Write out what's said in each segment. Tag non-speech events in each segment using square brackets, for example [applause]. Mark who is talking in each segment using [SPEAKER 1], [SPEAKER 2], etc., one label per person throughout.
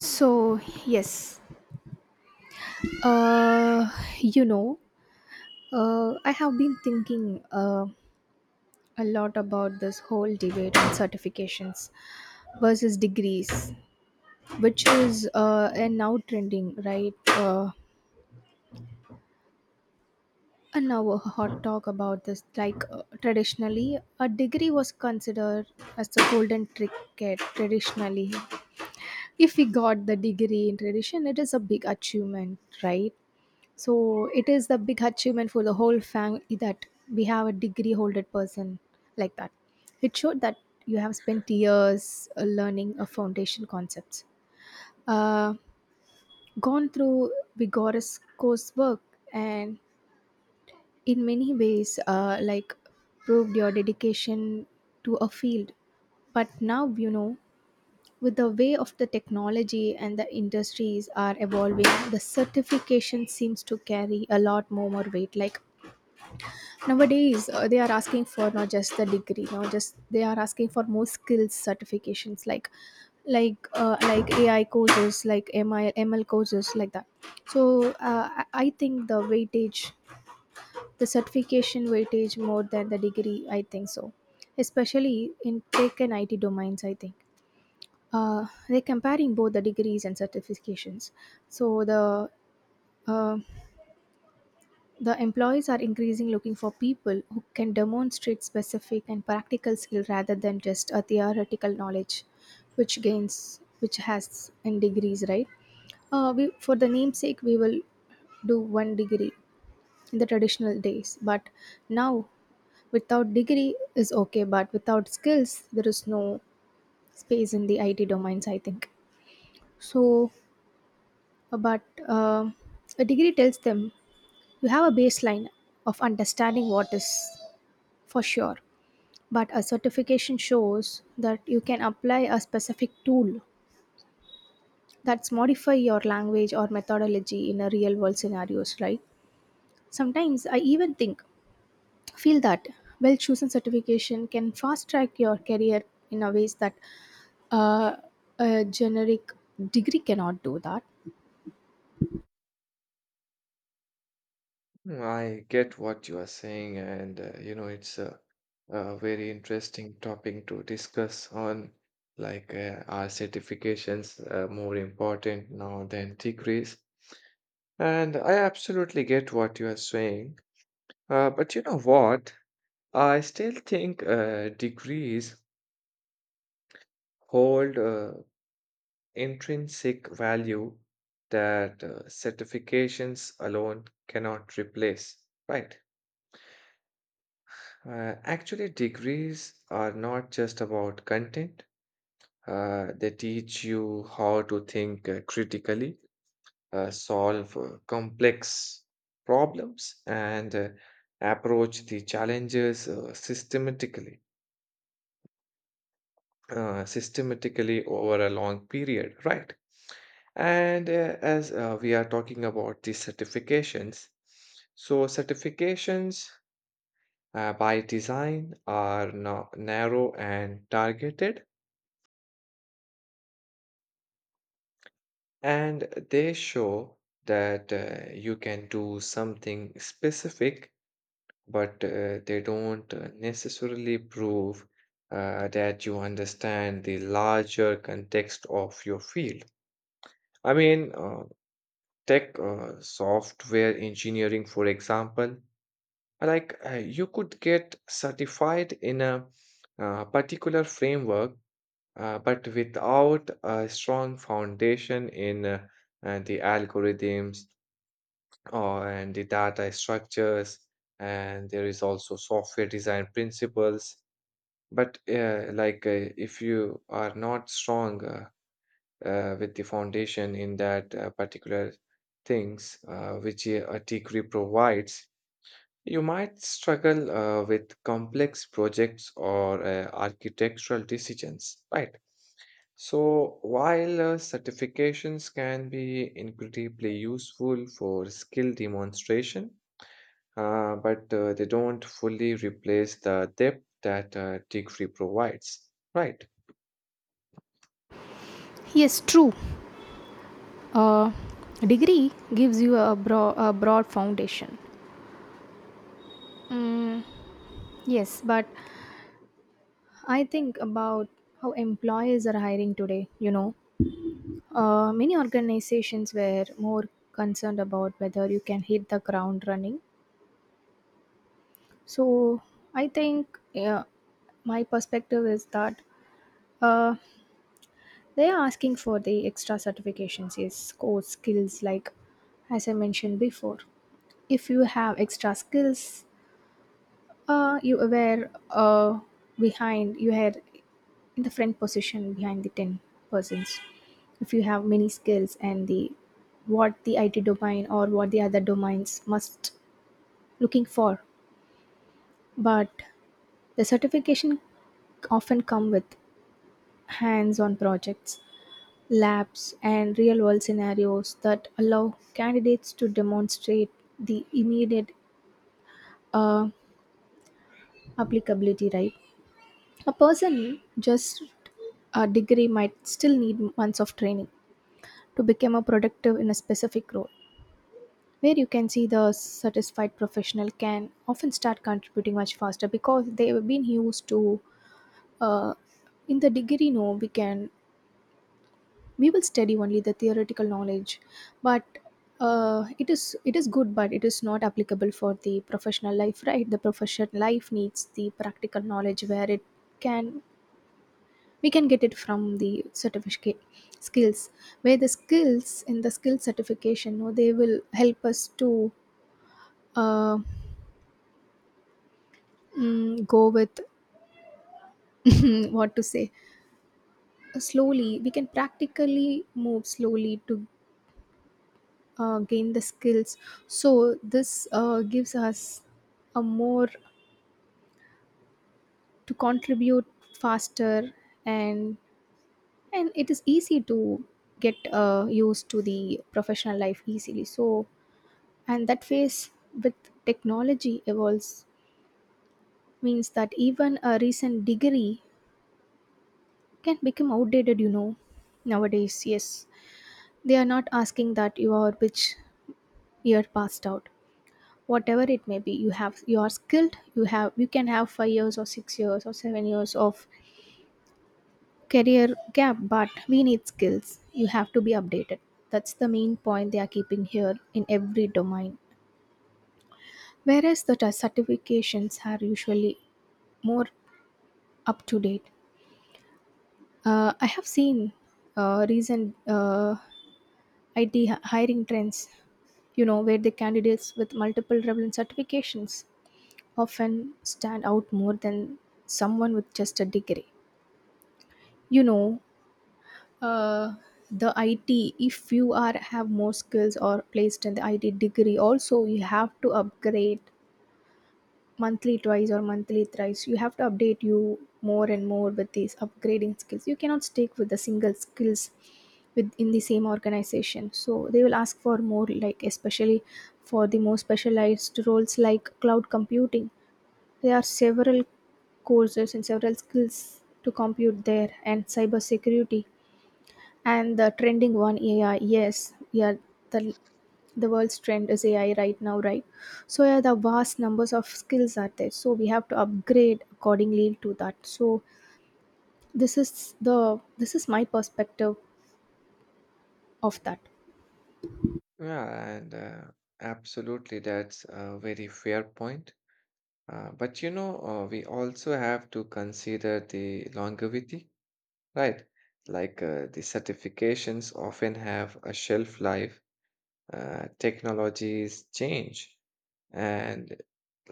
[SPEAKER 1] So, yes, uh, you know, I have been thinking a lot about this whole debate on certifications versus degrees, which is and now trending, right? And Now a hot talk about this. Traditionally, a degree was considered as the golden ticket. Traditionally, if we got the degree in tradition, it is a big achievement, right? So it is the big achievement for the whole family that we have a degree holder person like that. It showed that you have spent years learning a foundation concepts, uh, gone through vigorous coursework, and in many ways, proved your dedication to a field. But now, you know, with the way of the technology and the industries are evolving, the certification seems to carry a lot more weight. Like nowadays they are asking for not just the degree, not just they are asking for more skills certifications like like ai courses like mi ml courses like that. So I think the weightage, the certification weightage more than the degree, I think so. Especially in tech and it domains, I think uh, they're comparing both the degrees and certifications. So uh, the employees are increasingly looking for people who can demonstrate specific and practical skill rather than just a theoretical knowledge, which gains, which has in degrees, right? We, for the namesake, we will do one degree in the traditional days, but now without degree is okay, but without skills, there is no space in the IT domains, I think. So, but um a degree tells them you have a baseline of understanding what is. For sure. But a certification shows that you can apply a specific tool that's modify your language or methodology in a real world scenarios, right? Sometimes I even think, feel that well chosen certification can fast track your career in a ways that uh, a generic degree cannot do that.
[SPEAKER 2] Mm, I get what you are saying, and it's a very interesting topic to discuss on. Like, are certifications more important now than degrees? And I absolutely get what you are saying. But you know what? I still think degrees hold intrinsic value that certifications alone cannot replace, right? Actually, degrees are not just about content. They teach you how to think critically, solve complex problems, and approach the challenges systematically over a long period, right? And as we are talking about the certifications, so certifications by design are now narrow and targeted. And they show that you can do something specific, but they don't necessarily prove that you understand the larger context of your field. I mean, tech software engineering, for example, like you could get certified in a particular framework, but without a strong foundation in the algorithms and the data structures, and there is also software design principles. But like if you are not strong with the foundation in that particular things which a degree provides, you might struggle with complex projects or architectural decisions, right? So while certifications can be incredibly useful for skill demonstration, but they don't fully replace the depth that degree provides. Right.
[SPEAKER 1] Yes, true. Uh, Degree gives you a, a broad foundation. Mm, yes, but I think about how employers are hiring today. You know, many organizations were more concerned about whether you can hit the ground running. So I think, yeah, my perspective is that uh, they are asking for the extra certifications, yes, core skills like as I mentioned before. If you have extra skills, you were behind, you had in the front position behind the 10 persons. If you have many skills and the what the IT domain or what the other domains must looking for. But the certification often come with hands-on projects, labs and real-world scenarios that allow candidates to demonstrate the immediate uh, applicability, right? A person just a degree might still need months of training to become a productive in a specific role, where you can see the satisfied professional can often start contributing much faster because they have been used to uh, in the degree, no, we will study only the theoretical knowledge. But it is, it is good, but it is not applicable for the professional life, right? The professional life needs the practical knowledge, where it can, we can get it from the certificate skills, where the skills in the skill certification, no, they will help us to uh, go with [laughs] what to say, slowly we can practically move slowly to gain the skills. So this gives us a more to contribute faster, and and it is easy to get used to the professional life easily. So and that phase with technology evolves means that even a recent degree can become outdated, you know, nowadays. Yes, they are not asking that you are which year passed out. Whatever it may be, you have, you are skilled. You have, you can have 5 years or 6 years or 7 years of career gap, but we need skills. You have to be updated. That's the main point they are keeping here in every domain. Whereas the certifications are usually more up to date. I have seen recent IT hiring trends, you know, where the candidates with multiple relevant certifications often stand out more than someone with just a degree. You know, uh, the IT, if you are have more skills or placed in the IT degree, also you have to upgrade monthly twice or monthly thrice. You have to update you more and more with these upgrading skills. You cannot stick with the single skills within the same organization, so they will ask for more, like especially for the more specialized roles like cloud computing. There are several courses and several skills to compute there, and cybersecurity, and the trending one, AI. Yes, yeah, the the world's trend is AI right now, right? So yeah, the vast numbers of skills are there. So we have to upgrade accordingly to that. So this is my perspective of that.
[SPEAKER 2] Yeah, and absolutely, that's a very fair point. But you know, we also have to consider the longevity, right? Like the certifications often have a shelf life, technologies change, and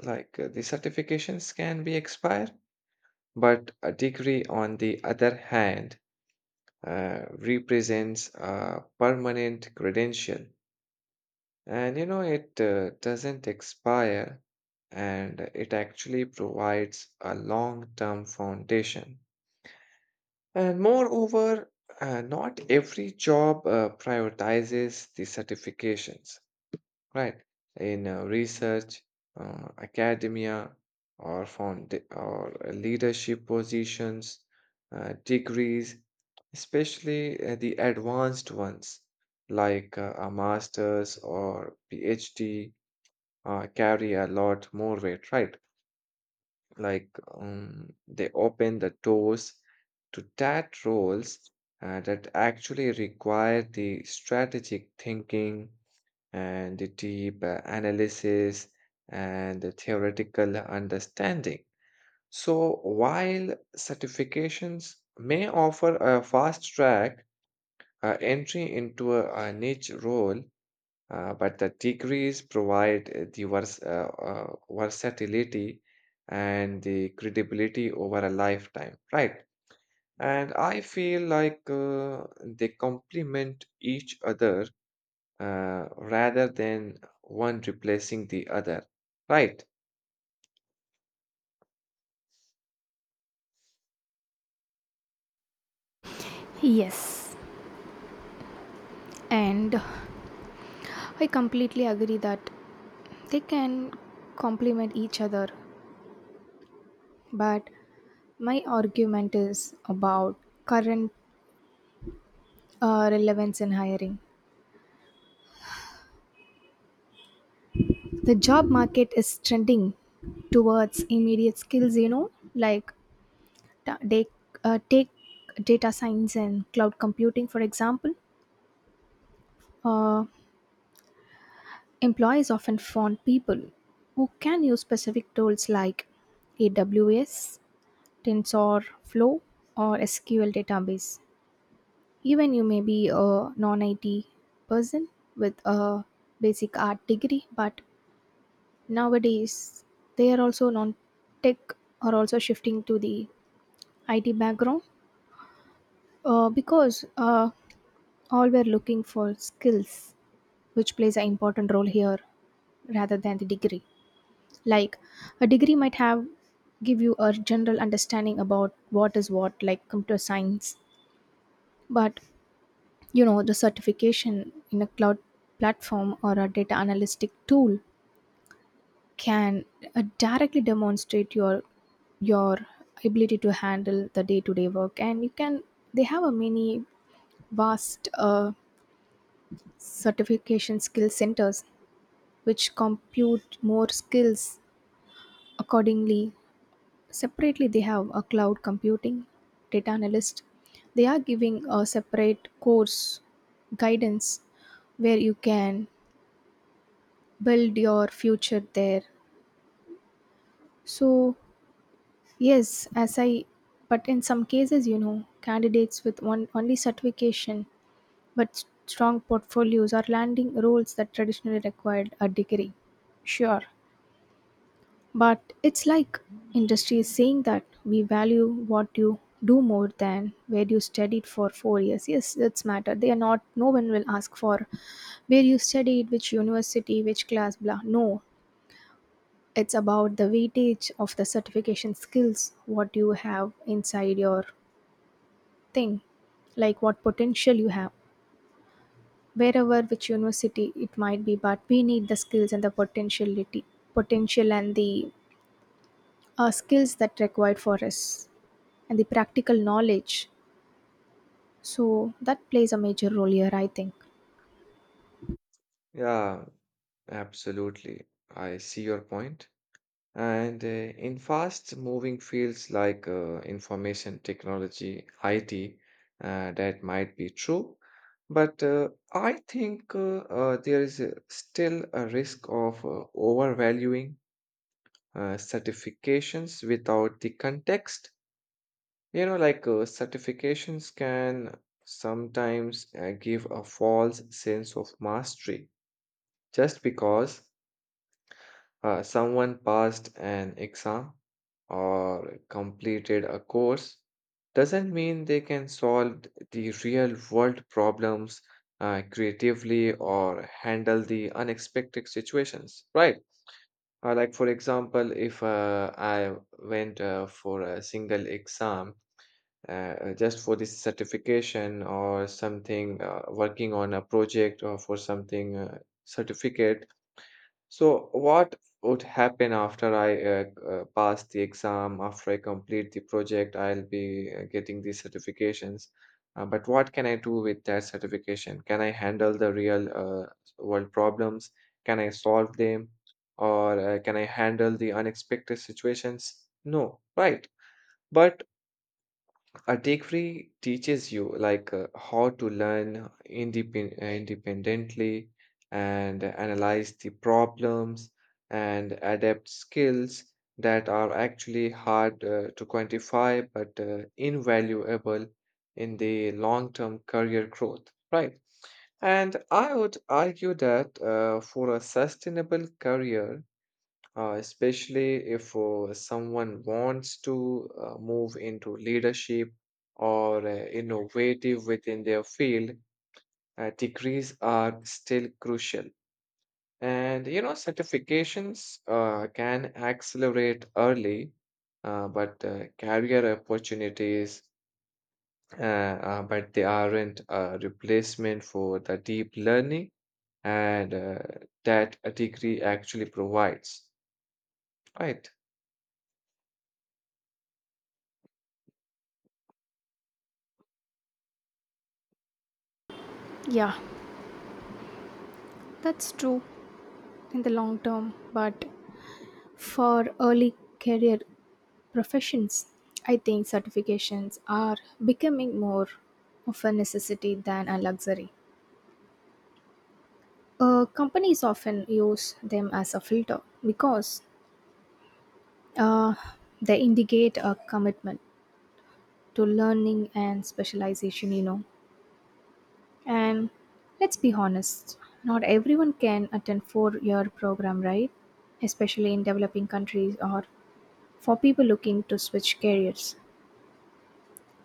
[SPEAKER 2] like the certifications can be expired. But a degree, on the other hand, represents a permanent credential, and you know it doesn't expire, and it actually provides a long term foundation. And moreover, not every job prioritizes the certifications. Right. In research, academia, or found or leadership positions, degrees, especially the advanced ones like a master's or PhD, carry a lot more weight, right? Like they open the doors to that roles that actually require the strategic thinking and the deep analysis and the theoretical understanding. So, while certifications may offer a fast track entry into a niche role, but the degrees provide versatility and the credibility over a lifetime, right? And I feel like they complement each other rather than one replacing the other. Right.
[SPEAKER 1] Yes, and I completely agree that they can complement each other. But my argument is about current relevance in hiring. The job market is trending towards immediate skills, you know, like ta- take, take data science and cloud computing, for example. Uh, Employees often want people who can use specific tools like AWS, TensorFlow or SQL database. Even you may be a non IT person with a basic art degree, but nowadays they are also non tech are also shifting to the IT background because all were looking for skills, which plays an important role here rather than the degree. Like a degree might have give you a general understanding about what is what, like computer science, but you know the certification in a cloud platform or a data analytic tool can directly demonstrate your ability to handle the day-to-day work, and you can, they have a many vast certification skill centers which compute more skills accordingly. Separately they have a cloud computing, data analyst, they are giving a separate course guidance where you can build your future there. So yes, as i, but in some cases, you know, candidates with one only certification but strong portfolios are landing roles that traditionally required a degree. Sure, but it's like industry is saying that we value what you do more than where you studied for 4 years. Yes, that's matter, they are not, no one will ask for where you studied, which university, which class, blah, no. It's about the weightage of the certification skills, what you have inside your thing, like what potential you have. Wherever which university it might be, but we need the skills and the potentiality, potential and the skills that required for us and the practical knowledge. So that plays a major role here, I think.
[SPEAKER 2] Yeah, absolutely. I see your point. And in fast moving fields like information technology, IT, that might be true. But I think there is still a risk of overvaluing certifications without the context. You know, like certifications can sometimes give a false sense of mastery just because someone passed an exam or completed a course doesn't mean they can solve the real world problems creatively or handle the unexpected situations, right? Like, for example, if I went for a single exam just for this certification or something, working on a project or for something certificate. So, what would happen after I pass the exam, after I complete the project, I'll be getting these certifications. But what can I do with that certification? Can I handle the real world problems? Can I solve them? Or can I handle the unexpected situations? No, right. But a degree teaches you like how to learn independently and analyze the problems and adapt skills that are actually hard to quantify but invaluable in the long-term career growth, right? And I would argue that for a sustainable career, especially if someone wants to move into leadership or innovative within their field, degrees are still crucial. And you know, certifications can accelerate early, but career opportunities, but they aren't a replacement for the deep learning and that a degree actually provides. Right.
[SPEAKER 1] Yeah, that's true in the long term, but for early career professions, I think certifications are becoming more of a necessity than a luxury. Companies often use them as a filter because uh, they indicate a commitment to learning and specialization, you know. And let's be honest, not everyone can attend four-year program, right? Especially in developing countries or for people looking to switch careers.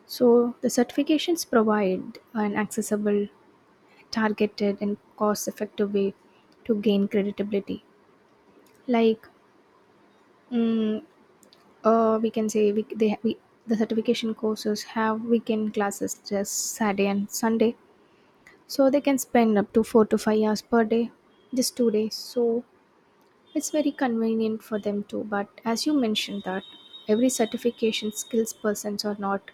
[SPEAKER 1] So the certifications provide an accessible, targeted and cost effective way to gain credibility. Like mm, we can say we, the certification courses have weekend classes, just saturday and sunday, so they can spend up to 4 to 5 hours per day, just 2 days, so it's very convenient for them too. But as you mentioned that every certification skills persons are not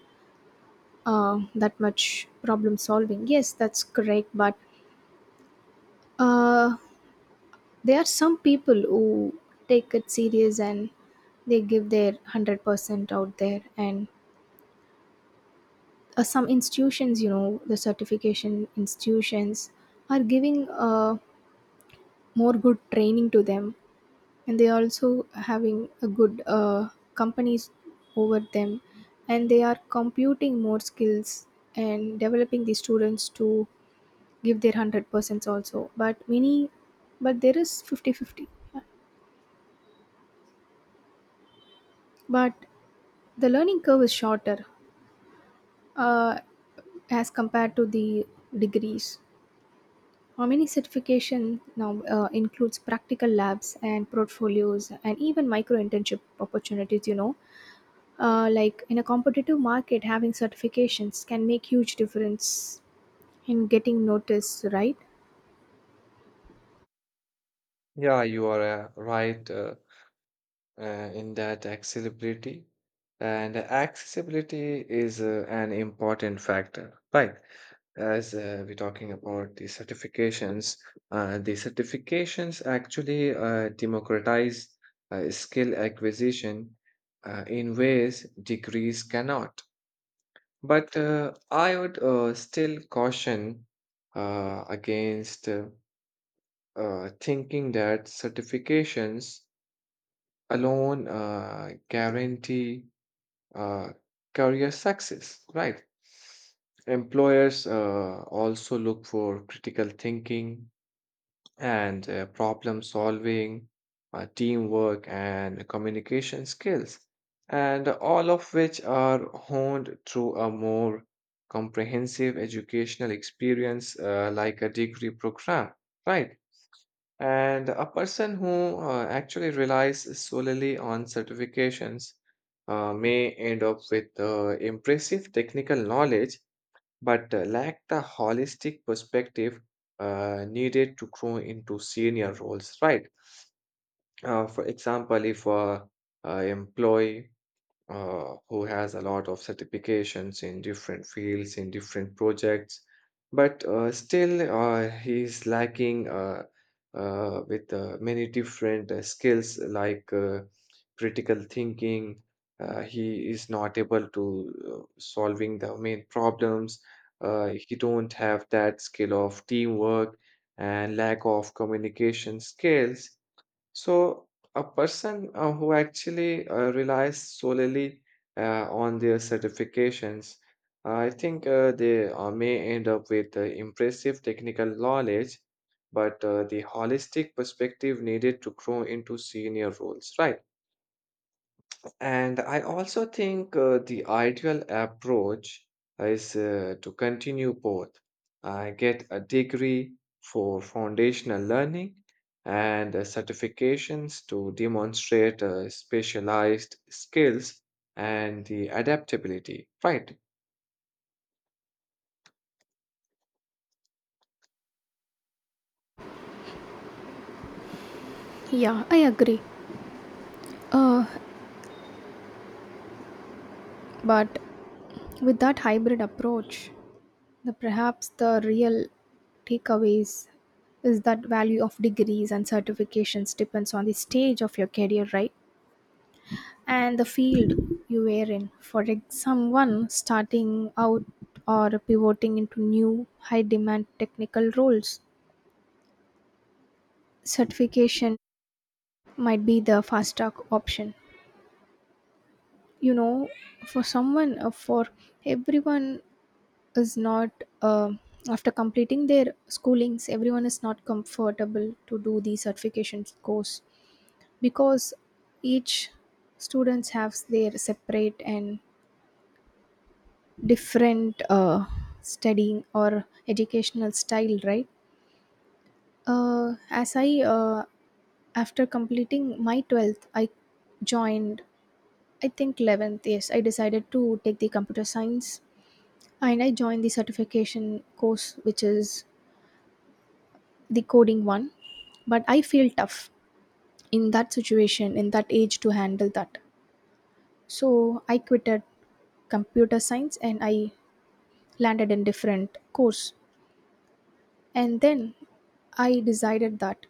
[SPEAKER 1] that much problem solving, yes, that's correct. But uh, there are some people who take it serious and they give their 100% out there, and some institutions, you know, the certification institutions are giving more good training to them, and they also having a good companies over them, and they are computing more skills and developing the students to give their 100% also. But many, but there is 50 50, but the learning curve is shorter uh, as compared to the degrees. How many certification now includes practical labs and portfolios and even micro internship opportunities. You know, in a competitive market, having certifications can make huge difference in getting noticed, right?
[SPEAKER 2] Yeah, you are right. In that accessibility. And accessibility is an important factor, right? As we're talking about the certifications actually democratize skill acquisition in ways degrees cannot. But I would still caution against thinking that certifications alone guarantee uh, career success, right? Employers also look for critical thinking and problem solving, teamwork, and communication skills, and all of which are honed through a more comprehensive educational experience like a degree program, right? And a person who actually relies solely on certifications may end up with impressive technical knowledge, but lack the holistic perspective needed to grow into senior roles, right? For example, if a employee who has a lot of certifications in different fields, in different projects, but still he's lacking with many different skills like critical thinking. He is not able to solving the main problems. He don't have that skill of teamwork and lack of communication skills. So, a person who actually relies solely on their certifications, I think they may end up with impressive technical knowledge, but the holistic perspective needed to grow into senior roles, right? And I also think the ideal approach is to continue both. I get a degree for foundational learning and certifications to demonstrate specialized skills and the adaptability. Right.
[SPEAKER 1] Yeah, I agree. Uh, but with that hybrid approach, the perhaps the real takeaways is that value of degrees and certifications depends on the stage of your career, right? And the field you were in. Someone starting out or pivoting into new high demand technical roles, certification might be the fast track option. You know, for someone, for everyone is not uh, After completing their schoolings, everyone is not comfortable to do the certification course because each students have their separate and different studying or educational style, right? As I After completing my 12th, I joined, I think, 11th. Yes, I decided to take the computer science and I joined the certification course, which is the coding one, but I feel tough in that situation, in that age, to handle that. So I quitted computer science and I landed in different course. And then I decided that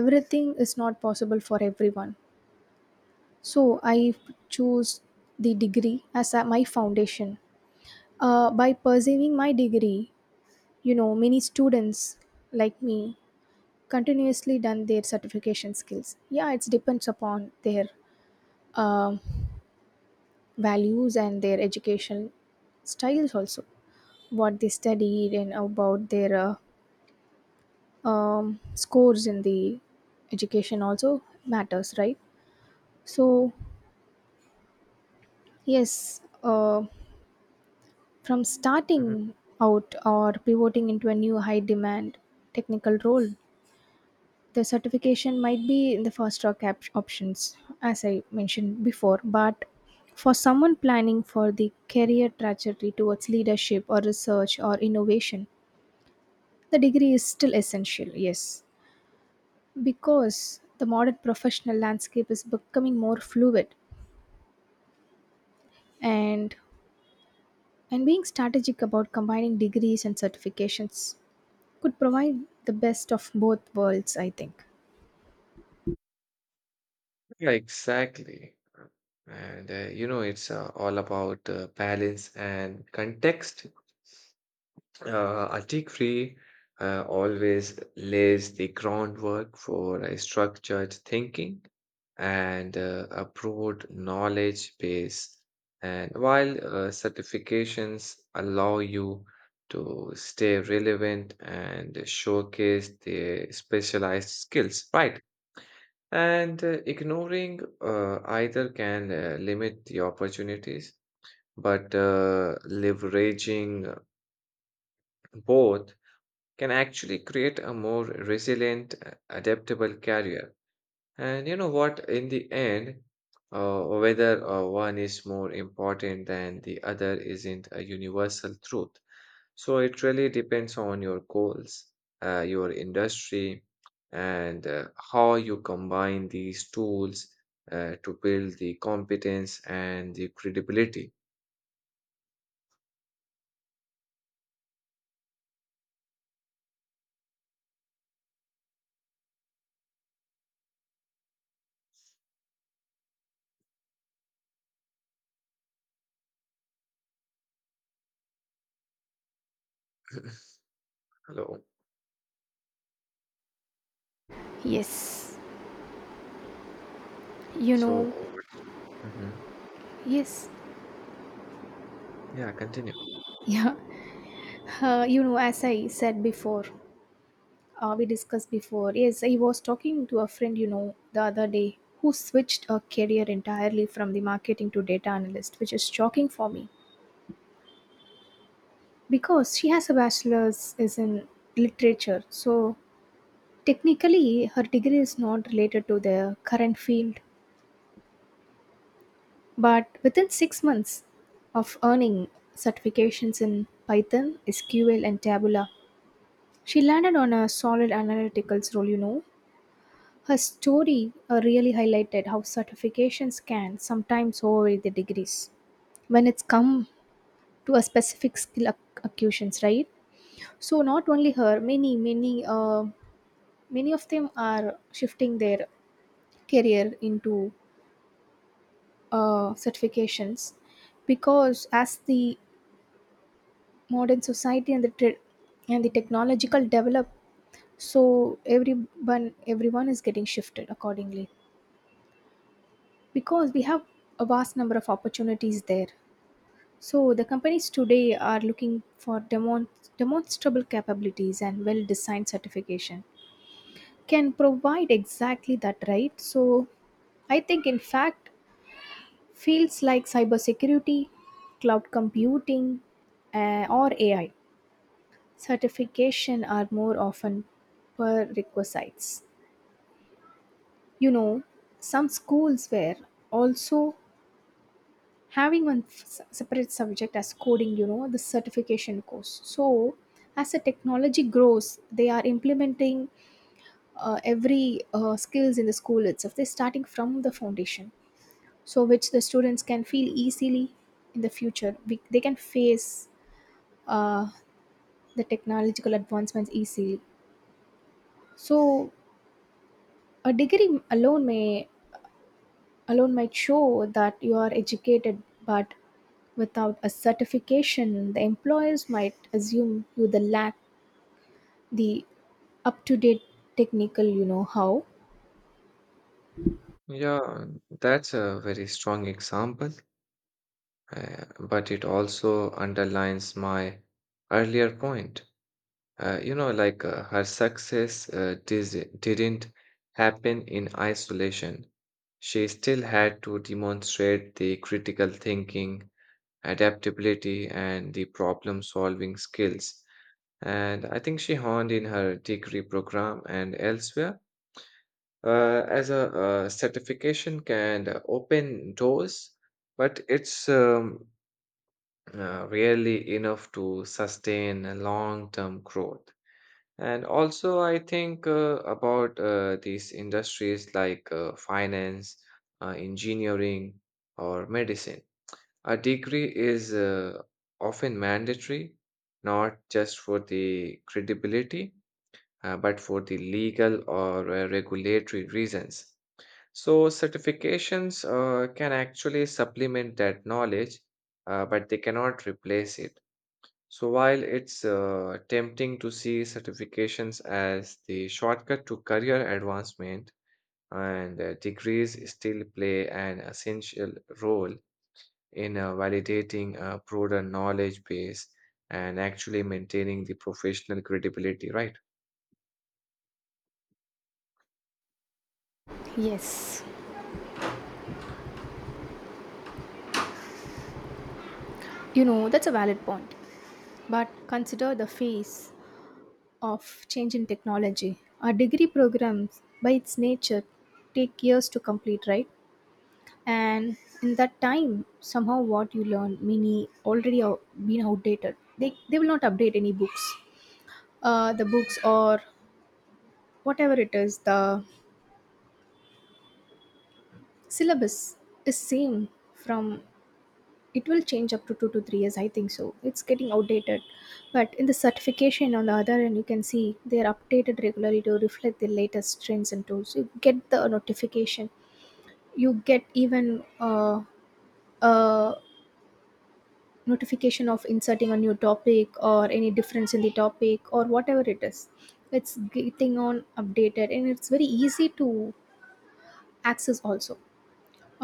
[SPEAKER 1] everything is not possible for everyone, so I chose the degree as my foundation. By pursuing my degree, you know, many students like me continuously done their certification skills. Yeah, it depends upon their um values and their education styles also. What they studied and about their scores in the education also matters, right? So yes, from
[SPEAKER 2] Mhm.
[SPEAKER 1] starting out or pivoting into a new high demand technical role, the certification might be in the fast track options, as I mentioned before. But for someone planning for the career trajectory towards leadership or research or innovation, the degree is still essential, yes, because the modern professional landscape is becoming more fluid. And and being strategic about combining degrees and certifications could provide the best of both worlds, I think.
[SPEAKER 2] Yeah, exactly. And it's all about balance and context. Article always lays the groundwork for a structured thinking and a broad knowledge base. And while certifications allow you to stay relevant and showcase the specialized skills, right? And ignoring either can limit the opportunities, but leveraging both can actually create a more resilient, adaptable career. And you know what? In the end, whether one is more important than the other isn't a universal truth. So it really depends on your goals, your industry, and how you combine these tools to build the competence and the credibility. Hello.
[SPEAKER 1] Yes, you know.
[SPEAKER 2] So, Mhm.
[SPEAKER 1] Yes.
[SPEAKER 2] Yeah, continue.
[SPEAKER 1] [laughs] Yeah. You know, as I said before, we discussed before, yes, I was talking to a friend, you know, the other day who switched her career entirely from the marketing to data analyst, which is shocking for me because she has a bachelor's is in literature. So technically, her degree is not related to the current field, but within 6 months of earning certifications in Python, SQL, and Taboola, she landed on a solid analyticals role, you know. Her story really highlighted how certifications can sometimes override the degrees when it's come to a specific skill accusations, right? So not only her, many of them are shifting their career into certifications, because as the modern society and the and the technological develop, so everyone is getting shifted accordingly, because we have a vast number of opportunities there. So the companies today are looking for demonstrable capabilities, and well-designed certification can provide exactly that, right? So I think, in fact, fields like cybersecurity, cloud computing, or AI certification are more often prerequisites. You know, some schools were also having one separate subject as coding, you know, the certification course. So as the technology grows, they are implementing every skills in the school itself. They're starting from the foundation, so which the students can feel easily in the future they can face uh, the technological advancements easily. So a degree alone might show that you are educated, but without a certification, the employers might assume you the lack the up to date technical, you know how.
[SPEAKER 2] Yeah, that's a very strong example, but it also underlines my earlier point. You know, like her success didn't happen in isolation. She still had to demonstrate the critical thinking, adaptability, and the problem-solving skills. And I think she honed in her degree program and elsewhere as a certification can open doors, but it's rarely enough to sustain a long-term growth. And also, I think about these industries like finance, engineering, or medicine. A degree is often mandatory, not just for the credibility, but for the legal or regulatory reasons. So certifications can actually supplement that knowledge, but they cannot replace it. So while it's tempting to see certifications as the shortcut to career advancement, and degrees still play an essential role in validating a broader knowledge base and actually maintaining the professional credibility, right?
[SPEAKER 1] Yes, you know, that's a valid point. But consider the phase of change in technology. Our degree programs, by its nature, take years to complete, right? And in that time, somehow what you learn, many already been outdated. They will not update any books. The books, or whatever it is, the syllabus is same from, it will change up to 2 to 3 years, I think. So it's getting outdated. But in the certification, on the other end, you can see they are updated regularly to reflect the latest trends and tools. You get the notification, you get even a notification of inserting a new topic or any difference in the topic or whatever it is. It's getting on updated and it's very easy to access also.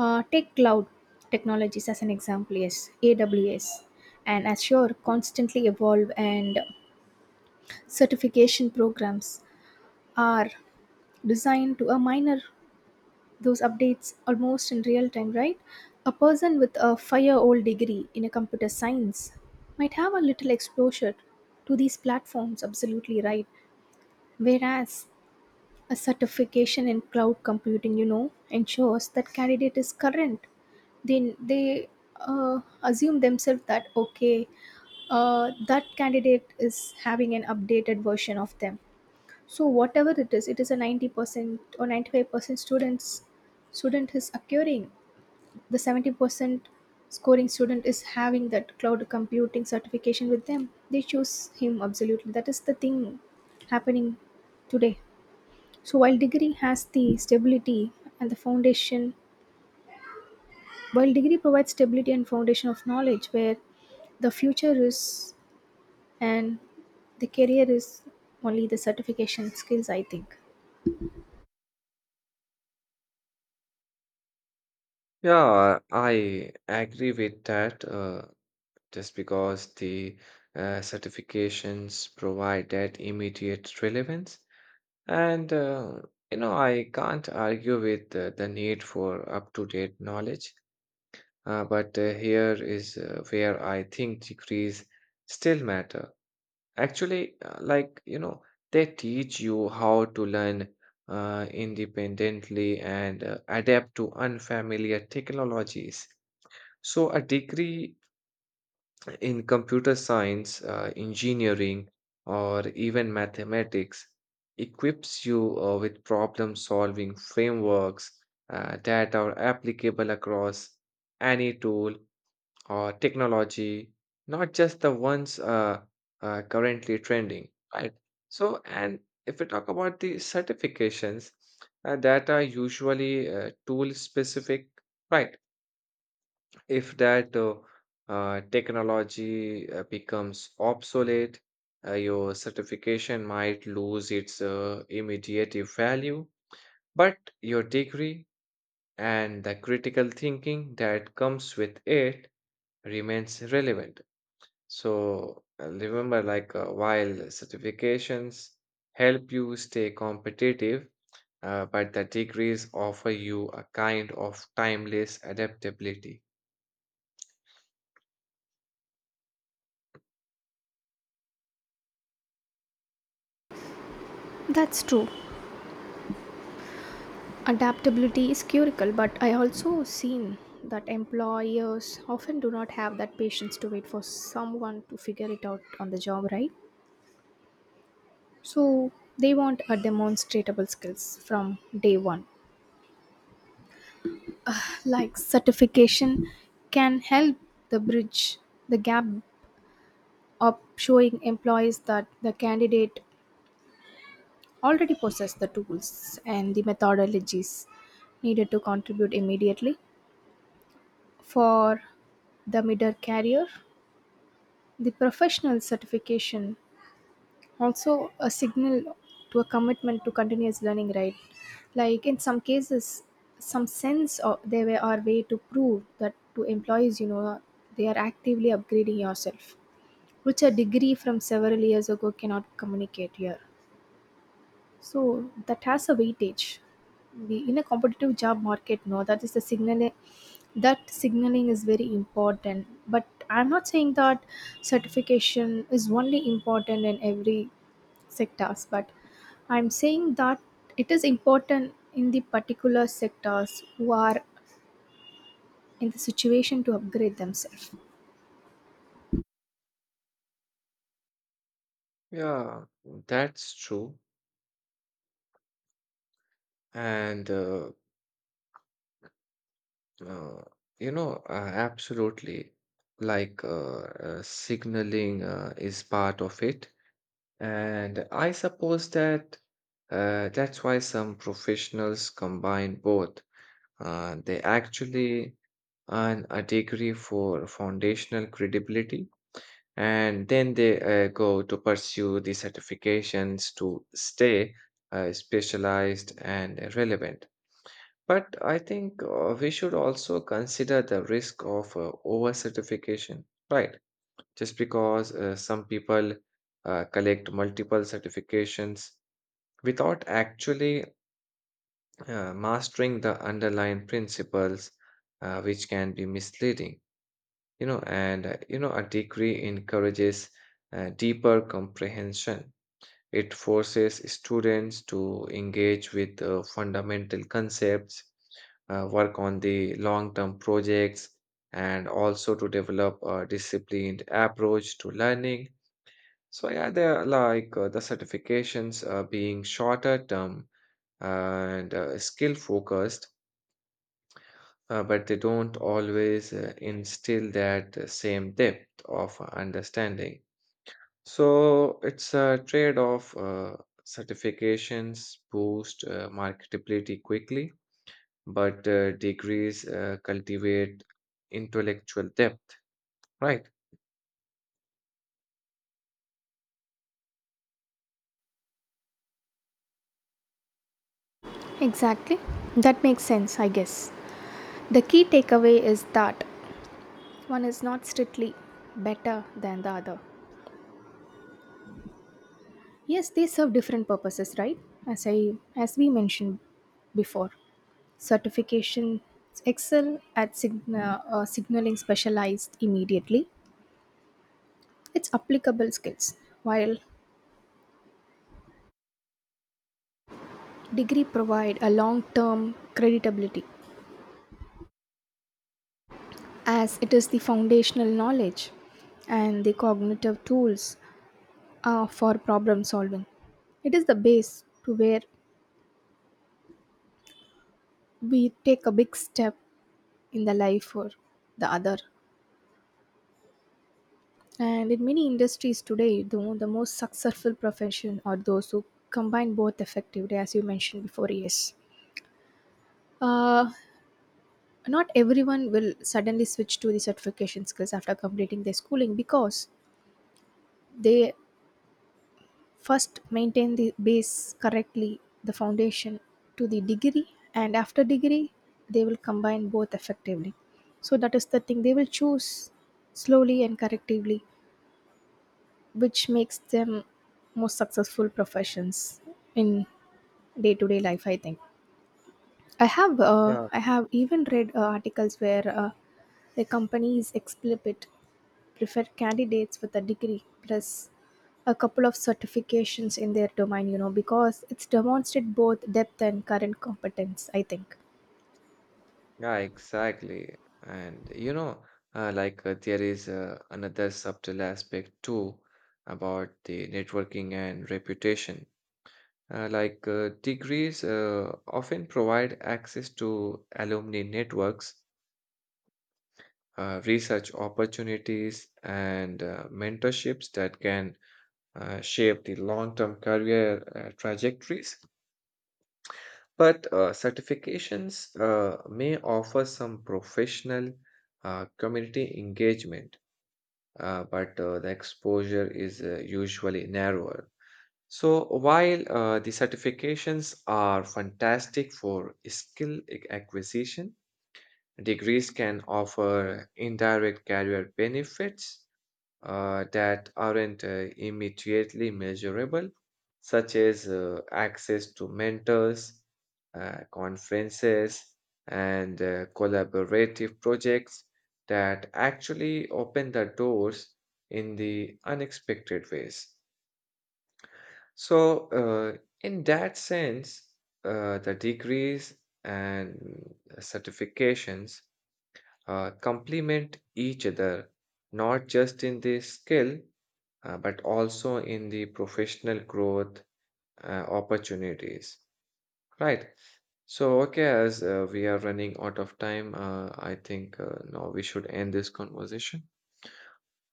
[SPEAKER 1] Take cloud technologies as an example. Yes, AWS and Azure constantly evolve, and certification programs are designed to a minor those updates almost in real time, right? A person with a five-year-old degree in a computer science might have a little exposure to these platforms, absolutely right. Whereas a certification in cloud computing, you know, ensures that candidate is current. Then they assume themselves that, okay, that candidate is having an updated version of them. So whatever it is a 90% or 95% student is acquiring. The 70% scoring student is having that cloud computing certification with them. They choose him, absolutely. That is the thing happening today. So while degree has the stability and the foundation While degree provides stability and foundation of knowledge, where the future is and the career is, only the certification skills, I think.
[SPEAKER 2] Yeah, I agree with that. Just because the certifications provide that immediate relevance. And, I can't argue with the need for up to date knowledge, but here is where I think degrees still matter. Actually, like, you know, they teach you how to learn independently and adapt to unfamiliar technologies. So, a degree in computer science, engineering, or even mathematics equips you with problem solving frameworks that are applicable across any tool or technology, not just the ones currently trending, right? So, and if we talk about the certifications that are usually tool specific, right? If that technology becomes obsolete, your certification might lose its immediate value, but your degree and the critical thinking that comes with it remains relevant. So remember, like while certifications help you stay competitive, but the degrees offer you a kind of timeless adaptability.
[SPEAKER 1] That's true. Adaptability is curical, but I also seen that employers often do not have that patience to wait for someone to figure it out on the job, right? So they want a demonstratable skills from day one. Like certification can help the bridge the gap up, showing employees that the candidate already possessed the tools and the methodologies needed to contribute immediately. For the mid-year career, the professional certification also a signal to a commitment to continuous learning, right? Like in some cases, some sense of there were our way to prove that to employees, you know, they are actively upgrading yourself, which a degree from several years ago cannot communicate here. So that has a weightage. The in a competitive job market, no, that is the signaling. That signaling is very important. But I'm not saying that certification is only important in every sectors. But I'm saying that it is important in the particular sectors who are in the situation to upgrade themselves.
[SPEAKER 2] Yeah, that's true. And uh, absolutely, like signaling is part of it. And I suppose that that's why some professionals combine both. They actually earn a degree for foundational credibility, and then they go to pursue the certifications to stay specialized and relevant. But I think we should also consider the risk of overcertification, right? Just because some people collect multiple certifications without actually mastering the underlying principles, which can be misleading, a degree encourages deeper comprehension. It forces students to engage with fundamental concepts, work on the long term projects, and also to develop a disciplined approach to learning. So, yeah, they're like the certifications are being shorter term and skill focused, but they don't always instill that same depth of understanding. So it's a trade off. Certifications boost marketability quickly, but degrees cultivate intellectual depth, right?
[SPEAKER 1] Exactly. That makes sense, I guess. The key takeaway is that one is not strictly better than the other. Yes, they serve different purposes, right? As we mentioned before, certification excel at signaling specialized immediately. It's applicable skills, while degree provide a long-term creditability, as it is the foundational knowledge and the cognitive tools for problem solving. It is the base to where we take a big step in the life or the other. And in many industries today, though, the most successful profession are those who combine both effectively, as you mentioned before, yes. Uh, Not everyone will suddenly switch to the certification skills after completing their schooling, because they first maintain the base correctly, the foundation to the degree, and after degree, they will combine both effectively. So that is the thing, they will choose slowly and correctively, which makes them most successful professions in day-to-day life, I think.
[SPEAKER 2] Yeah.
[SPEAKER 1] I have even read articles where the companies explicit prefer candidates with a degree plus a couple of certifications in their domain, you know, because it's demonstrate both depth and current competence, I think.
[SPEAKER 2] Yeah, exactly. And you know, like there is another subtle aspect too about the networking and reputation. Like degrees often provide access to alumni networks, research opportunities, and mentorships that can shape the long term career trajectories. But certifications may offer some professional community engagement, but the exposure is usually narrower. So, while the certifications are fantastic for skill acquisition, degrees can offer indirect career benefits that aren't immediately measurable, such as access to mentors, conferences, and collaborative projects that actually open the doors in the unexpected ways. So, in that sense, the degrees and certifications complement each other, not just in the skill but also in the professional growth opportunities, right? So, okay, as we are running out of time, I think now we should end this conversation.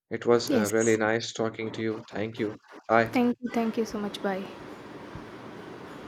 [SPEAKER 2] It was really
[SPEAKER 1] Yes,
[SPEAKER 2] nice talking to you. Thank you. Bye.
[SPEAKER 1] thank you. Thank you so much. Bye.